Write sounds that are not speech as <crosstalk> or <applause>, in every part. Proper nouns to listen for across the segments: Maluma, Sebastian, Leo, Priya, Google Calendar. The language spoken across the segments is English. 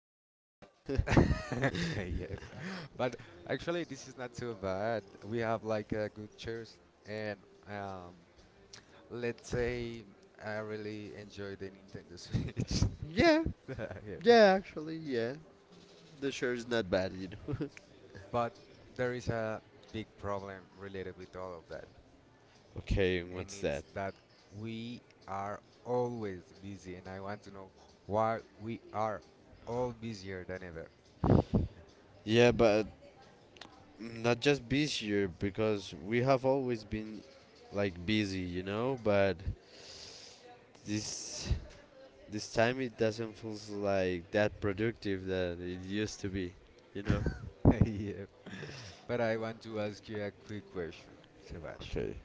but. <laughs> Yeah, yeah, actually, yeah. The shirt is not bad, <laughs> Okay, and what's that? Yeah, but not just this year, because we have always been like busy, but This this time it doesn't feel like that productive that it used to be, you know. Okay,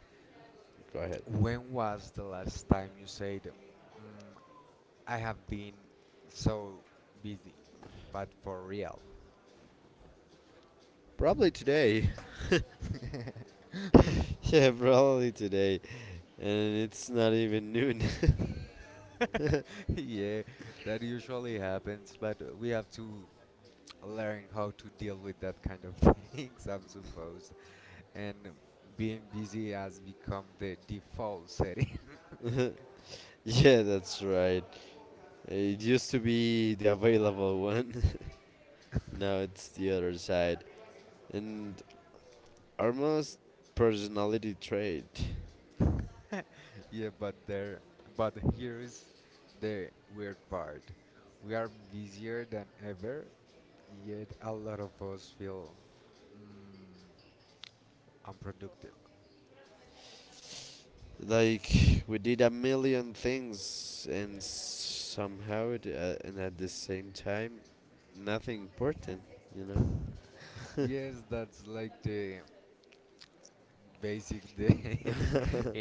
go ahead. Probably today. <laughs> Yeah, probably today. And it's not even noon. <laughs> Yeah, that's right. It used to be the available one. <laughs> Now it's the other side. And almost personality trait. Like we did a million things, and somehow, it, and at the same time, nothing important. You know.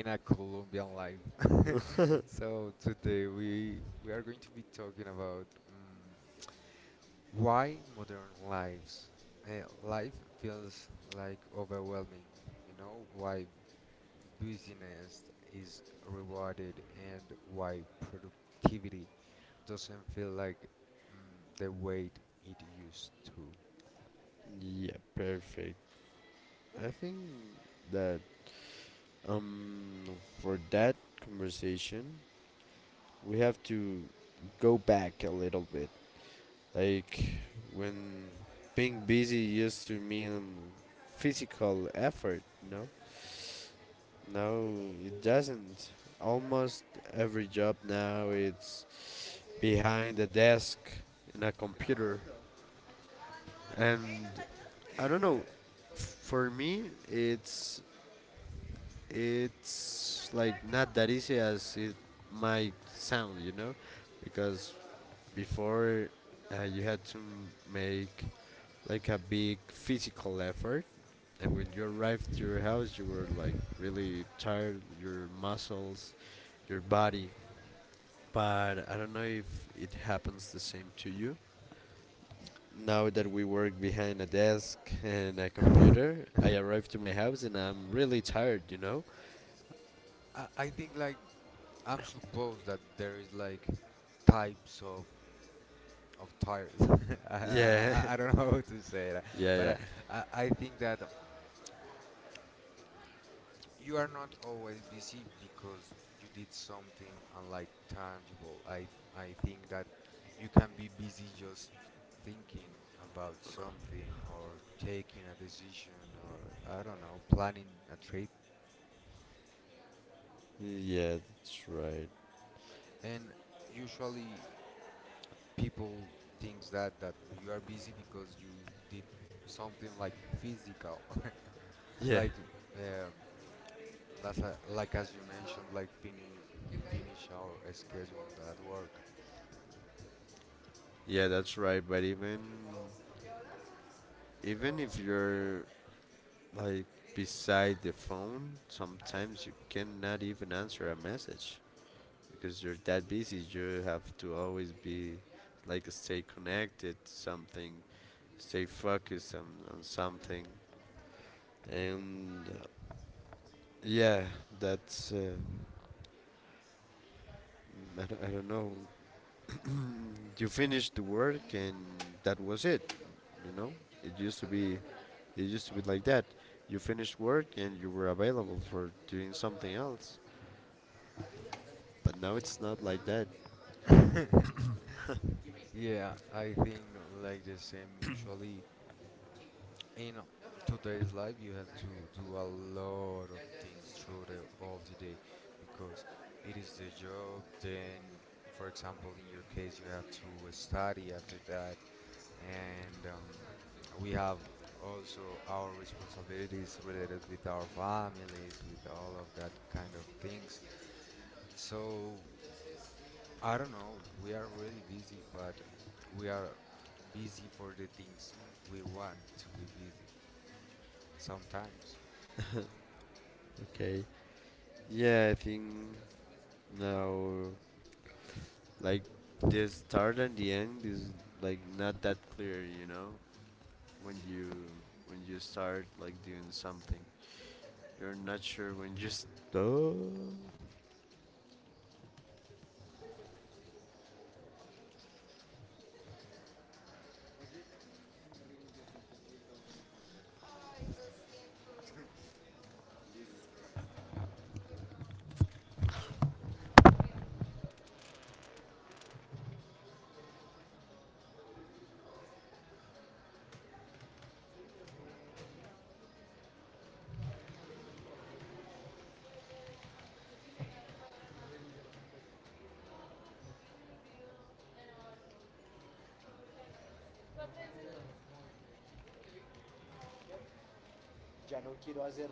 <laughs> Yeah, perfect. I think that um for that conversation, we have to go back a little bit. Like when being busy used to mean physical effort, you know? No, it doesn't. Almost every job now it's behind a desk in a computer, and I don't know. For me, it's like not that easy as it might sound, because before you had to make like a big physical effort, and when you arrived to your house, you were like really tired. Your muscles, your body, but I don't know if it happens the same to you. Now that we work behind a desk and a computer, I arrive to my house and I'm really tired, you know? Yeah, <laughs> yeah, yeah. Yeah, that's right. Yeah, yeah, that's right. But even if you're like beside the phone, sometimes you cannot even answer a message because you're that busy. You have to always be like stay connected to something, stay focused on something, and yeah, that's I don't know. You finished the work and that was it, you know it used to be it used to be like that. You finished work and you were available for doing something else, but now it's not like that. Okay. Yeah, I think now, like, this start and the end is like not that clear, when you start like doing something. You're not sure when you stop. Ya no quiero hacer.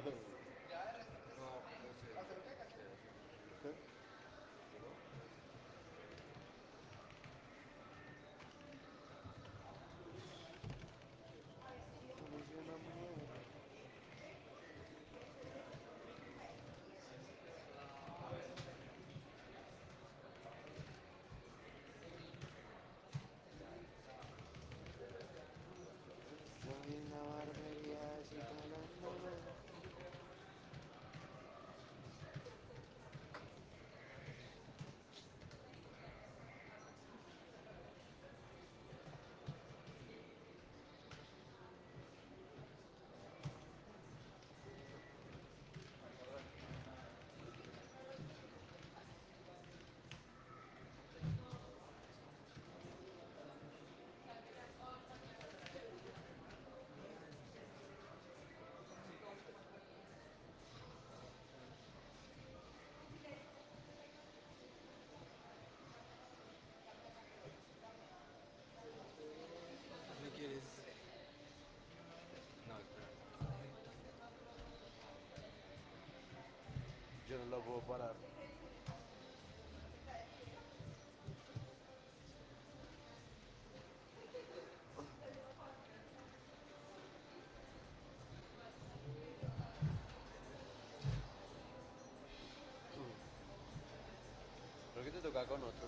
Ay, yo no lo puedo parar. Creo que te toca con otro.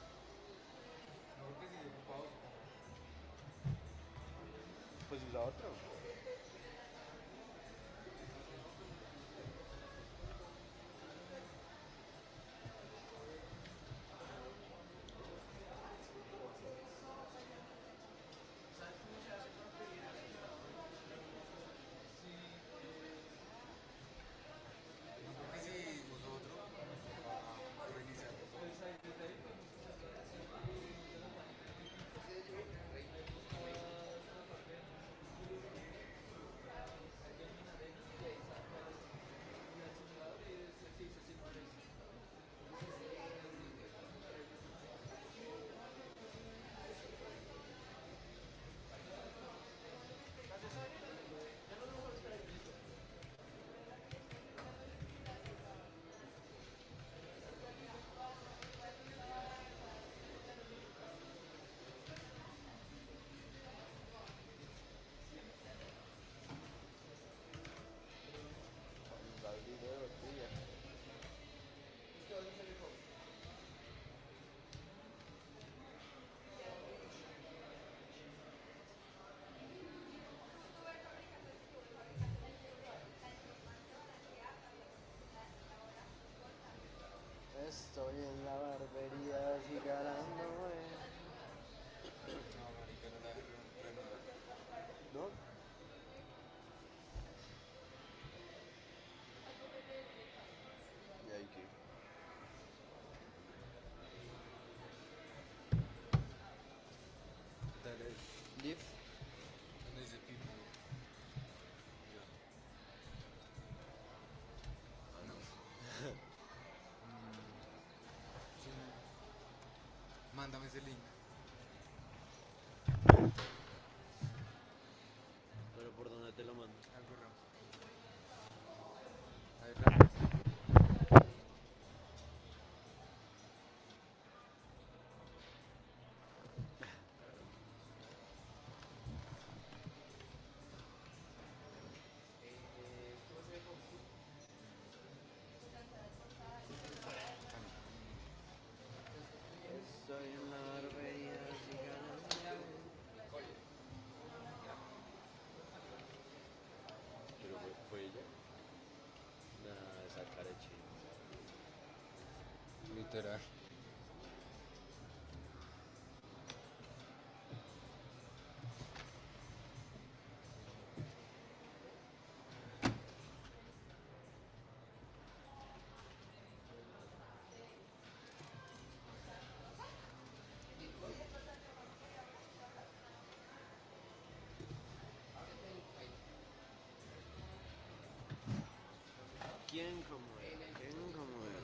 Estoy en la barbería acicalándome. ¿No? ¿Y ahí qué? Live. ¿Pero por dónde te lo mando? Pero fue ella. Nada, esa cara de ¿quién como él? ¿Quién como él?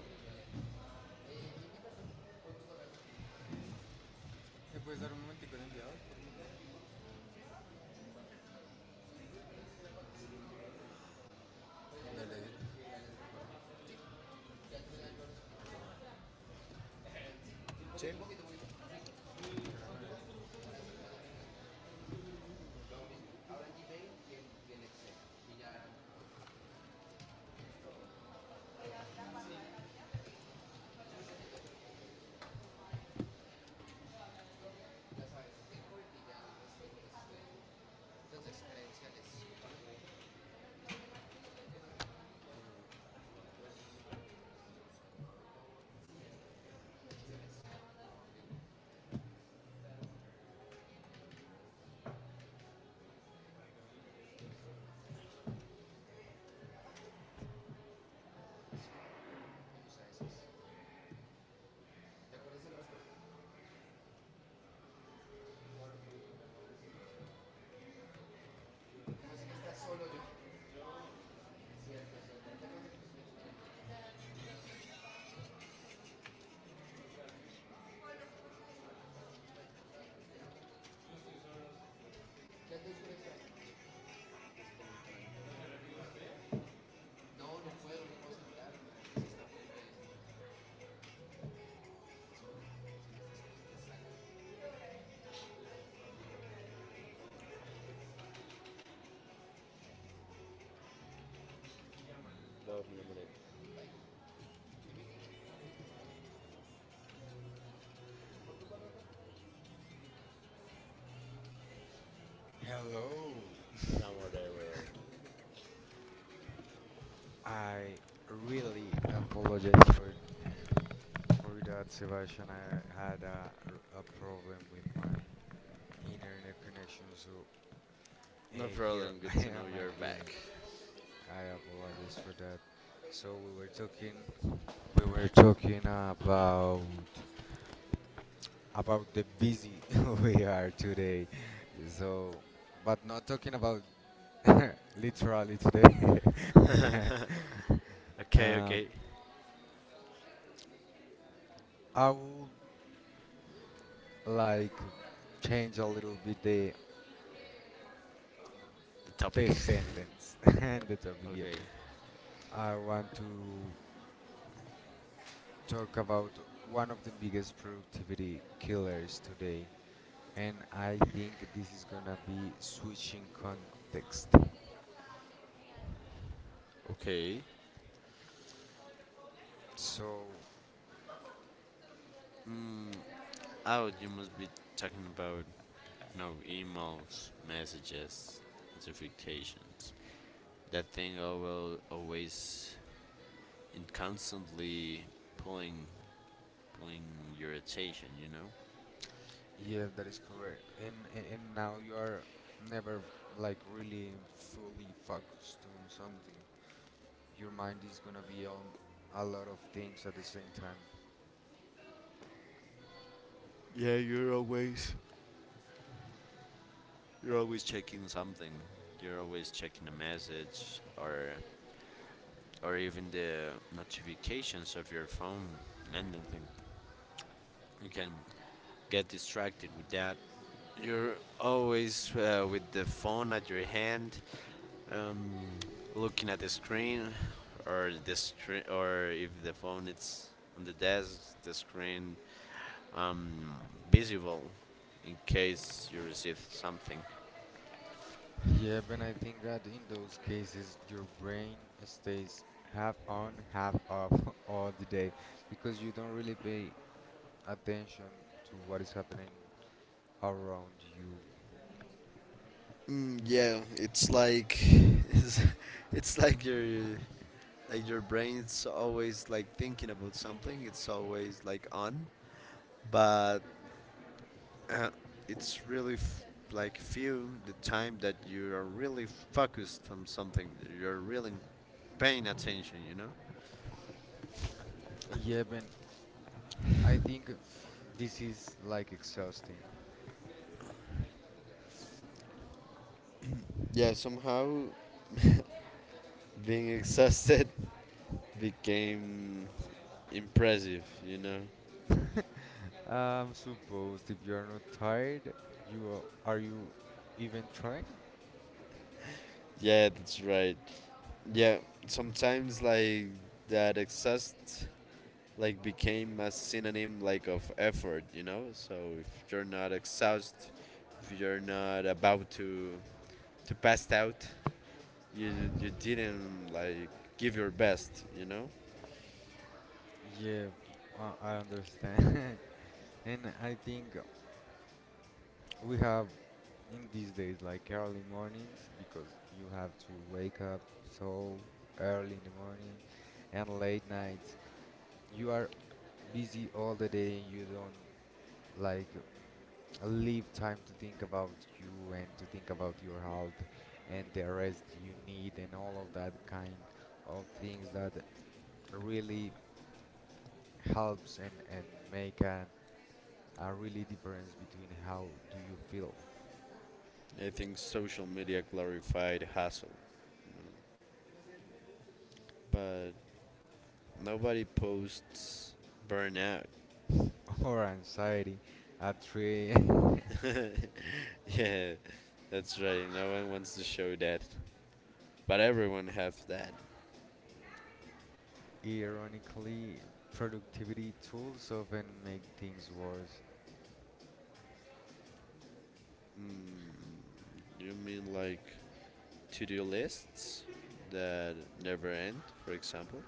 Hello. I really apologize for that, Sebastian. I had a problem with my internet connection, so No here problem. <laughs> Good I to know am you're again. back. I apologize for that. So we were talking about the busy <laughs> we are today. So, but not talking about <laughs> literally <laughs> today. <laughs> Okay, um, okay. I would like change a little bit The topic. the sentence <laughs> and the topic here. Okay, I want to talk about one of the biggest productivity killers today, and I think this is gonna be switching context. okay. So Mm, oh, you must be talking about no, emails, messages, notifications. That thing I will always and constantly pulling, pulling your attention. Yeah, that is correct. And now you are never like really fully focused on something. Your mind is gonna be on a lot of things at the same time. Yeah, you're always checking something. You're always checking a message, or even the notifications of your phone, anything. You can get distracted with that. You're always with the phone at your hand, um, looking at the screen, or if the phone is on the desk, the screen um, visible in case you receive something. Yeah, but I think that in those cases, your brain stays half on, half off <laughs> all the day because you don't really pay attention to what is happening around you. Mm, yeah, it's like <laughs> it's, it's like you're like your brain's always like thinking about something. It's always like on, but <clears throat> uh, it's really like, few the time that you are really focused on something. You're really paying attention. Yeah, but I think this is like exhausting. Yeah. Somehow, being exhausted <laughs> became impressive. I'm supposed if you are not tired, are you even trying? Yeah, that's right. Yeah. Sometimes, like, that exhaust, like, became a synonym like of effort, so if you're not exhausted, if you're not about to pass out, you you didn't, like, give your best, Yeah, I understand. <laughs> And I think we have in these days, like early mornings, because you have to wake up so early in the morning and late nights. You are busy all the day and you don't like leave time to think about you and to think about your health and the rest you need and all of that kind of things that really helps and make a really difference between how do you feel I think social media glorified hustle, but nobody posts burnout. <laughs> or anxiety at 3. <laughs> <laughs> Yeah, that's right. No one wants to show that, but everyone have that. Ironically, productivity tools often make things worse. mm, you mean like to-do lists that never end, for example?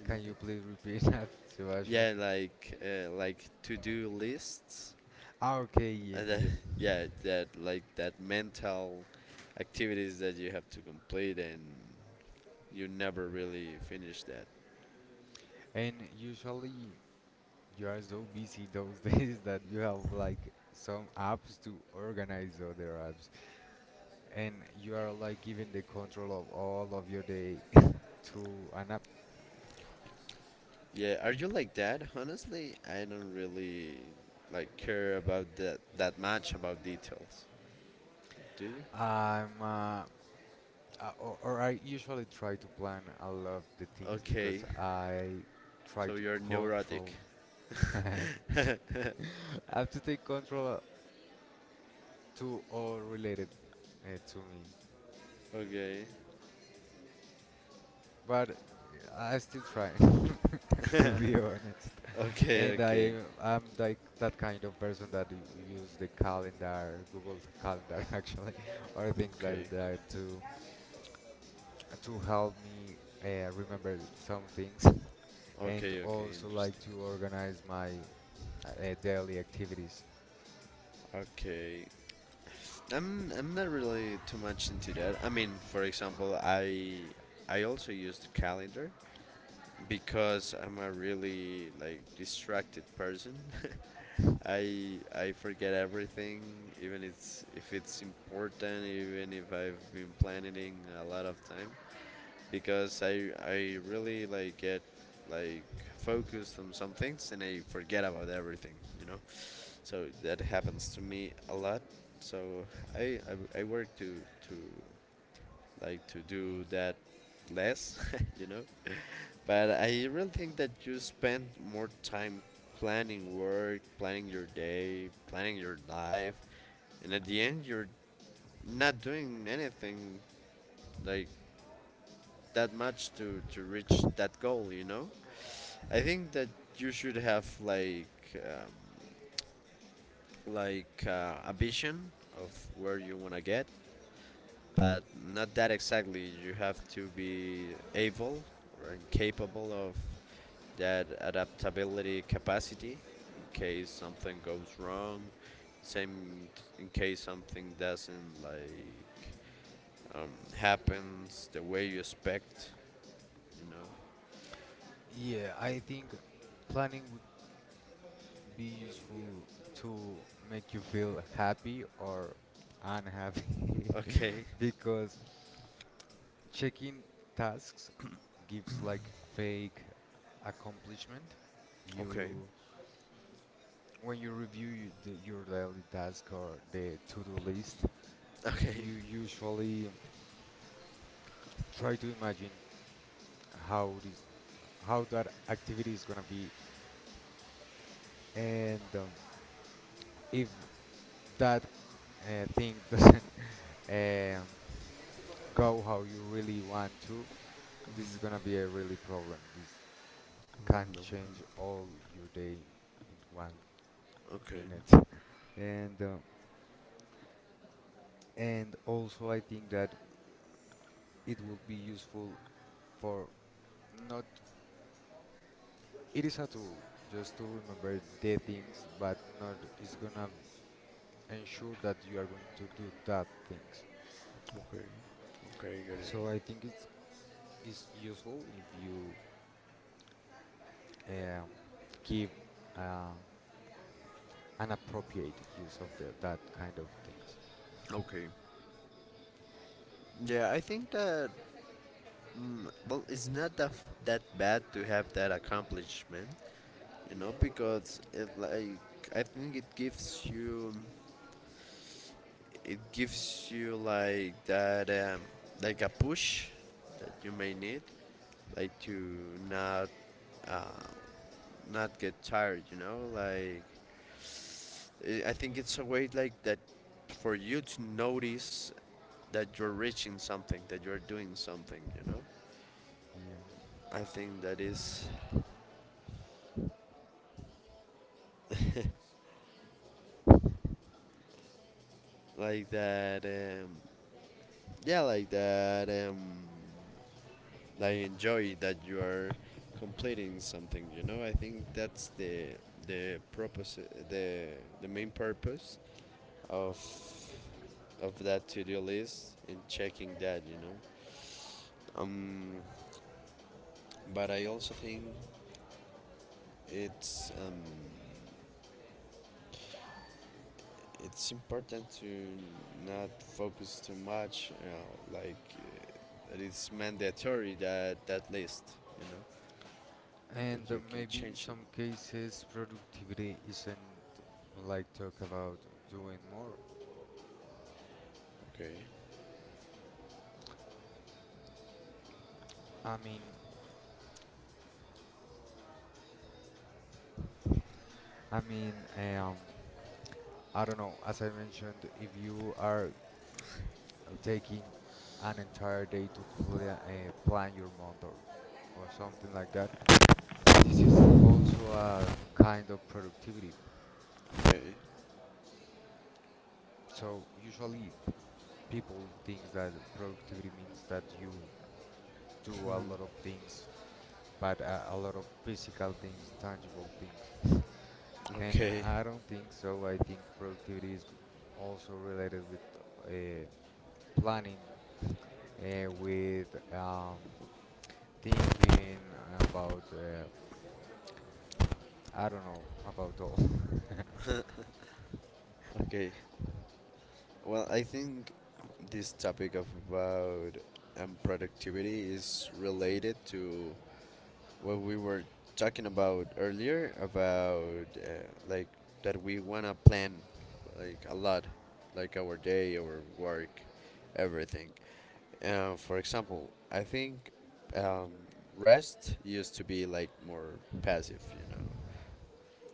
You mean Can that? you please repeat <laughs> that, Sebastian? Yeah, like to-do lists, Ah, okay, yep, and then, yep. <laughs> yeah, that, like, that mental activities that you have to complete and you never really finish that. And usually you are so busy those <laughs> days that you have like some apps to organize other apps, and you are like giving the control of all of your day <laughs> to an app. Yeah, are you like that? Honestly, I don't really like care about that much, about details. Do you? I'm Or, I usually try to plan a lot of the things Okay, because I try so to you're neurotic. control. <laughs> <laughs> I <laughs> have to take control to all related to me, Okay. but I still try <laughs> <laughs> Okay, to be honest. And okay, I'm like that kind of person that use the calendar, Google Calendar <laughs> actually, or things okay, like that to help me remember some things, <laughs> and okay, okay. also like Interesting. to organize my daily activities. Okay, I'm not really too much into that. I mean, for example, I also use the calendar because I'm a really like distracted person. <laughs> I forget everything, even it's, if it's important, even if I've been planning a lot of time. Because I really like get, like, focused on some things and I forget about everything, you know. So that happens to me a lot. So I I work to to like to do that less, <laughs> you know. But I really think that you spend more time planning work, planning your day, planning your life, and at the end you're not doing anything like that much to reach that goal. I think that you should have um, like a vision of where you want to get, but not that exactly. You have to be able, or capable of, that adaptability capacity in case something goes wrong. Same in case something doesn't, like, um, happens the way you expect. You know. <laughs> Yeah, I think planning be useful to make you feel happy or unhappy Okay. <laughs> because checking tasks gives like fake accomplishment Okay. you when you review your daily task or the to-do list Okay. you usually try to imagine how this how that activity is gonna be and if that thing <laughs> doesn't um, go how you really want to, this is gonna be a really problem. This can Mm, change all your day in one okay. minute, <laughs> and um, and also I think that it will be useful for not. It is a tool just to remember the things, but not. It's gonna ensure that you are going to do that things. Okay. Okay. Got it. So I think it's is useful if you um, give uh, an appropriate use of that kind of things. Okay. Yeah, I think that, well, it's not that that bad to have that accomplishment, because it, like, I think it gives you like that, like, a push that you may need, like, to not uh, not get tired, like, I think it's a way, like that, for you to notice that you're reaching something, that you're doing something, you know? Yeah, I think that is like that, yeah, like that, like, enjoy that you are completing something, you know? I think that's the purpose, the, the main purpose of, of that to-do list and checking that, you know? Um, but I also think it's, it's important to not focus too much. Like, that it's mandatory, that that list. You know that and you can maybe in change it. some cases productivity isn't like talk about doing more. Okay. I mean, I mean, I don't know. As I mentioned, if you are taking an entire day to plan your month or something like that, this is also a kind of productivity. Okay. So usually people think that productivity means that you do a lot of things but a lot of physical things, tangible things. And Okay. I don't think so. I think productivity is also related with uh, planning, with thinking about, I don't know, about all. <laughs> Okay. Well, I think this topic of, about, productivity, is related to what we were talking about earlier, about, uh, like, that we wanna plan, like, a lot, like, our day, our work, everything. For example, I think, um, rest used to be like more passive, you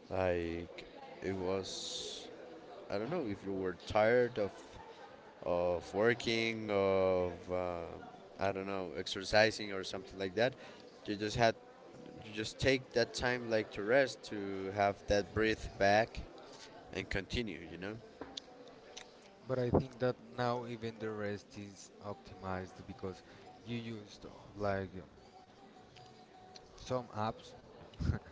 know, like, it was. I don't know if you were tired of working, of, I don't know, exercising or something like that. You just had you just take that time like to rest, to have that breath back, and continue. You know? But I think that now even the rest is optimized because you used like some apps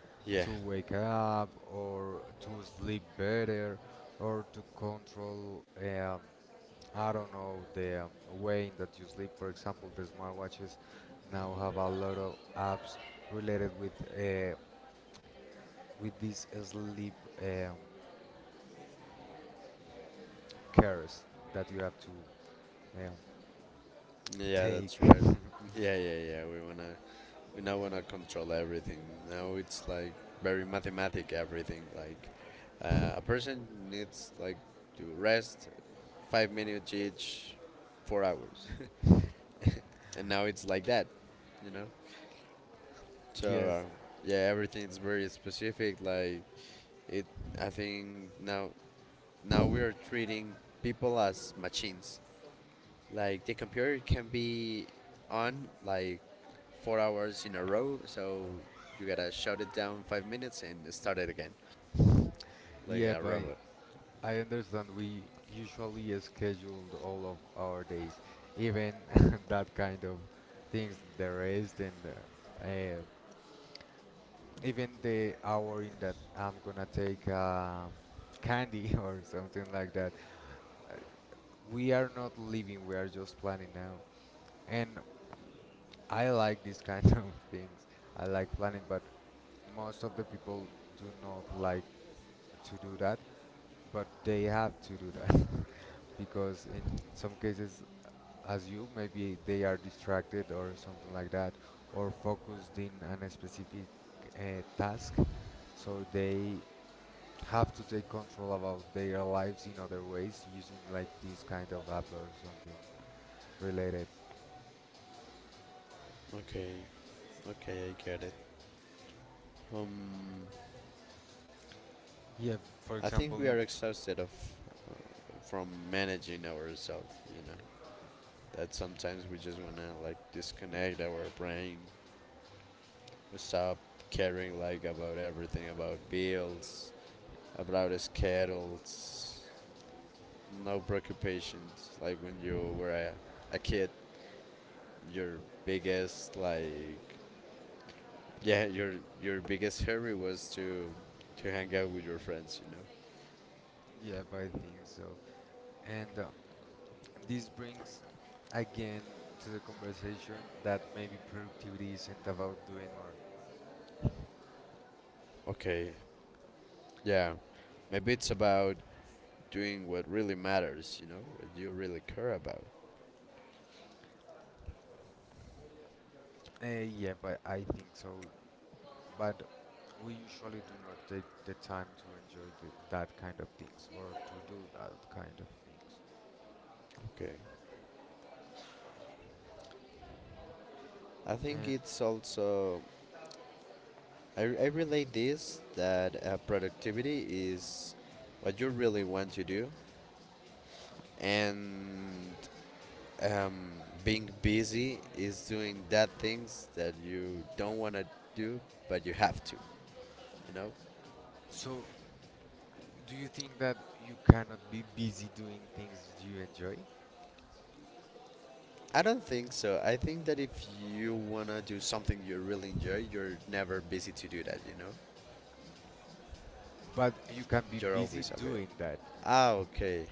<laughs> Yeah, to wake up or to sleep better or to control I don't know the way in that you sleep. For example, the smartwatches now have a lot of apps related uh, with these sleep um, cares that you have to um, yeah, take that's right. Yeah, yeah, yeah. We now wanna control everything. Now it's like very mathematic, everything. Like, a person needs, like, to rest 5 minutes each, 4 hours, <laughs> and now it's like that. You know? So, <laughs> yes yeah, everything's very specific. Like, it, I think now, we are treating people as machines. Like the computer can be on like 4 hours in a row, so you gotta shut it down 5 minutes and start it again, <laughs> like yeah a but. robot. I understand we usually scheduled all of our days, even <laughs> that kind of things, the rest and even the hour in that I'm gonna take candy <laughs> or something like that. Uh, We are not living, we are just planning now. And I like this kind <laughs> of things. I like planning, but most of the people do not like to do that, but they have to do that <laughs> because in some cases as you. Maybe they are distracted or something like that, or focused in on a specific task. So they have to take control about their lives in other ways using like this kind of app or something related. Okay, okay, I get it. Um, Yeah, for I think example, we are exhausted of, from managing ourselves. That sometimes we just wanna, like, disconnect our brain, stop caring, like, about everything, about bills, about schedules, no preoccupations. Like when you were a kid, your biggest, like, yeah, your biggest hurry was to hang out with your friends, yeah, I think so. And this brings again to the conversation that maybe productivity isn't about doing more. Okay, yeah, maybe it's about doing what really matters, what you really care about. Yeah, but I think so. But we usually do not take the time to enjoy that kind of things or to do that kind of things. Okay, I think And it's also, I relate this, that, productivity is what you really want to do, and, um, being busy is doing that things that you don't want to do, but you have to. You know, so, do you think that you cannot be busy doing things you enjoy, I don't think so. I think that if you wanna do something you really enjoy, you're never busy to do that. But you can be You're busy always aware. doing that? Ah, okay,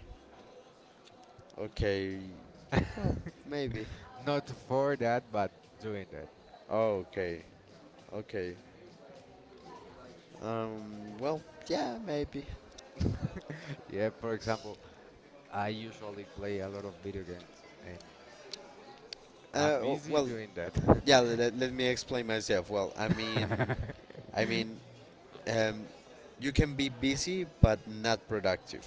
okay, <laughs> maybe. Not for that, but doing that. Oh, okay, okay. Well, yeah, maybe. <laughs> Yeah, for example, I usually play a lot of video games and I'm busy Well, doing that. yeah. Let me explain myself. Well, I mean, <laughs> I mean, um, you can be busy but not productive.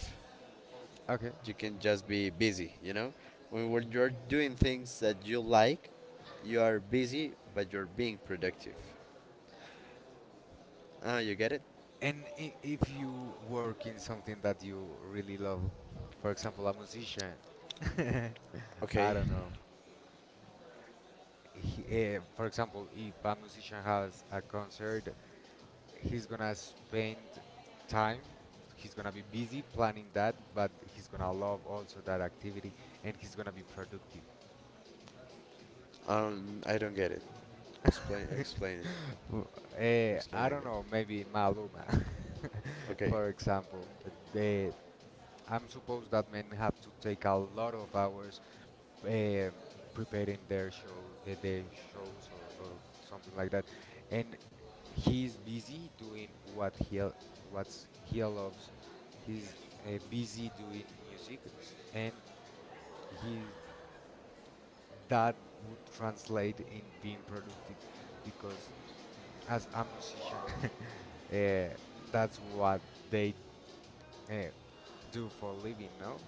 <laughs> okay. You can just be busy. When you're doing things that you like, you are busy but you're being productive. Ah, you get it? And if you work in something that you really love, for example, a musician, <laughs> I Okay. don't know. For example, if a musician has a concert, he's gonna spend time. He's gonna be busy planning that, but he's gonna love also that activity, and he's gonna be productive. I don't get it. <laughs> Explain, Uh, explain it. I Explain don't again. know. Maybe Maluma, <laughs> Okay. for example, the I'm supposed that men have to take a lot of hours um, preparing their show, their shows or, something like that, and he's busy doing what what's he loves. He's busy doing music, and he that would translate in being productive, because as a musician, <laughs> uh, that's what they uh, do for living. No,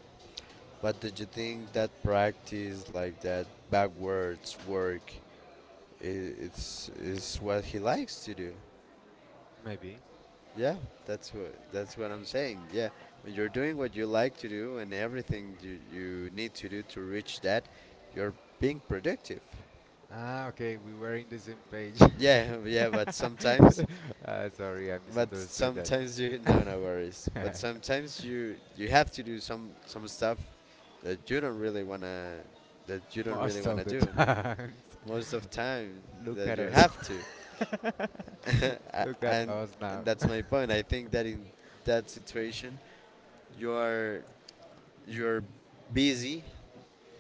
But did you think that practice like that backwards work? It's is what he likes to do. maybe. Yeah, that's what I'm saying. Yeah, when you're doing what you like to do and everything you need to do to reach that, you're being productive. Ah, okay, we were in the same page. Yeah, <laughs> yeah, but sometimes, <laughs> Uh, sorry, I misunderstood that. You. No, no worries. But <laughs> sometimes you have to do some stuff that you don't really wanna that you don't really Most of wanna the do. times. Most of time <laughs> Look that at you us. have to. <laughs> <laughs> A- Look at and us and now. that's my point. I think that in that situation, you are you're busy,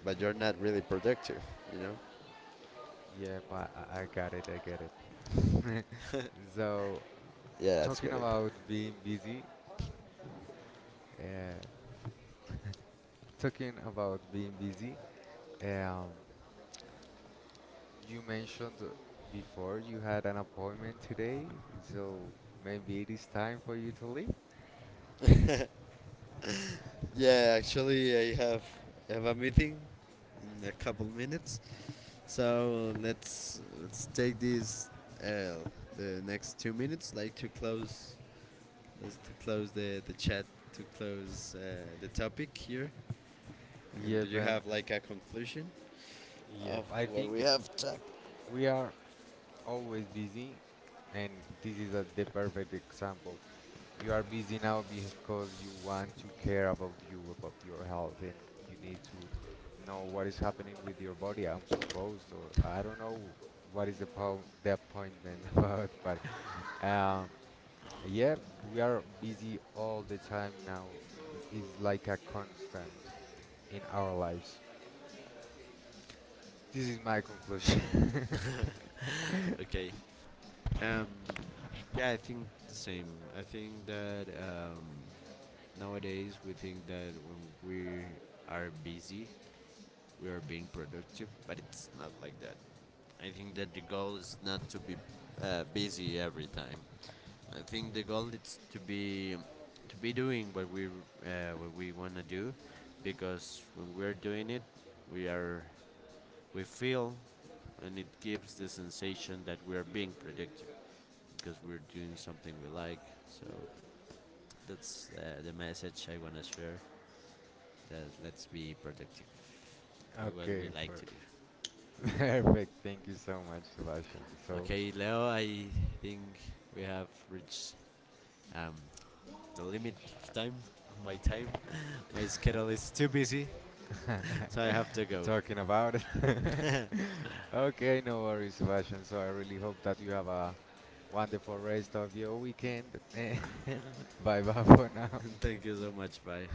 but you're not really productive. You know. Yep, I got it, I get it. <laughs> So, Yeah, that's talking great. about being busy, uh, talking about being busy, um, you mentioned before you had an appointment today, so maybe it is time for you to leave. <laughs> Yeah, actually, I have a meeting in a couple minutes, so let's take this, uh, the next 2 minutes, like, to close, let's to close the chat, to close, the topic here. And do Yep, you and have like a conclusion yep. of I what we think have talked? we are always busy, and this is the perfect example. You are busy now because you want to care about you, about your health, and you need to know what is happening with your body. I'm supposed, or I don't know what is the appointment <laughs> about, but um, yeah, we are busy all the time now. It's like a constant in our lives. This is my conclusion. <laughs> Okay. Um, yeah, I think the same. I think that, nowadays we think that when we are busy, we are being productive, but it's not like that. I think that the goal is not to be, busy every time. I think the goal is to be, doing what we, wanna do, because when we're doing it, we are we feel, and it gives the sensation that we are being productive because we're doing something we like. So that's, the message I want to share. That, let's be productive with what we Okay, like per- to do. <laughs> Perfect. Thank you so much, Sebastian. So, Okay, Leo, I think we have reached, um, the limit of time. My time, <laughs> my schedule is too busy, so I <laughs> have to go. talking about it. <laughs> Okay, no worries, Sebastian. So, I really hope that you have a wonderful rest of your weekend. <laughs> And bye bye for now. <laughs> Thank you so much. Bye.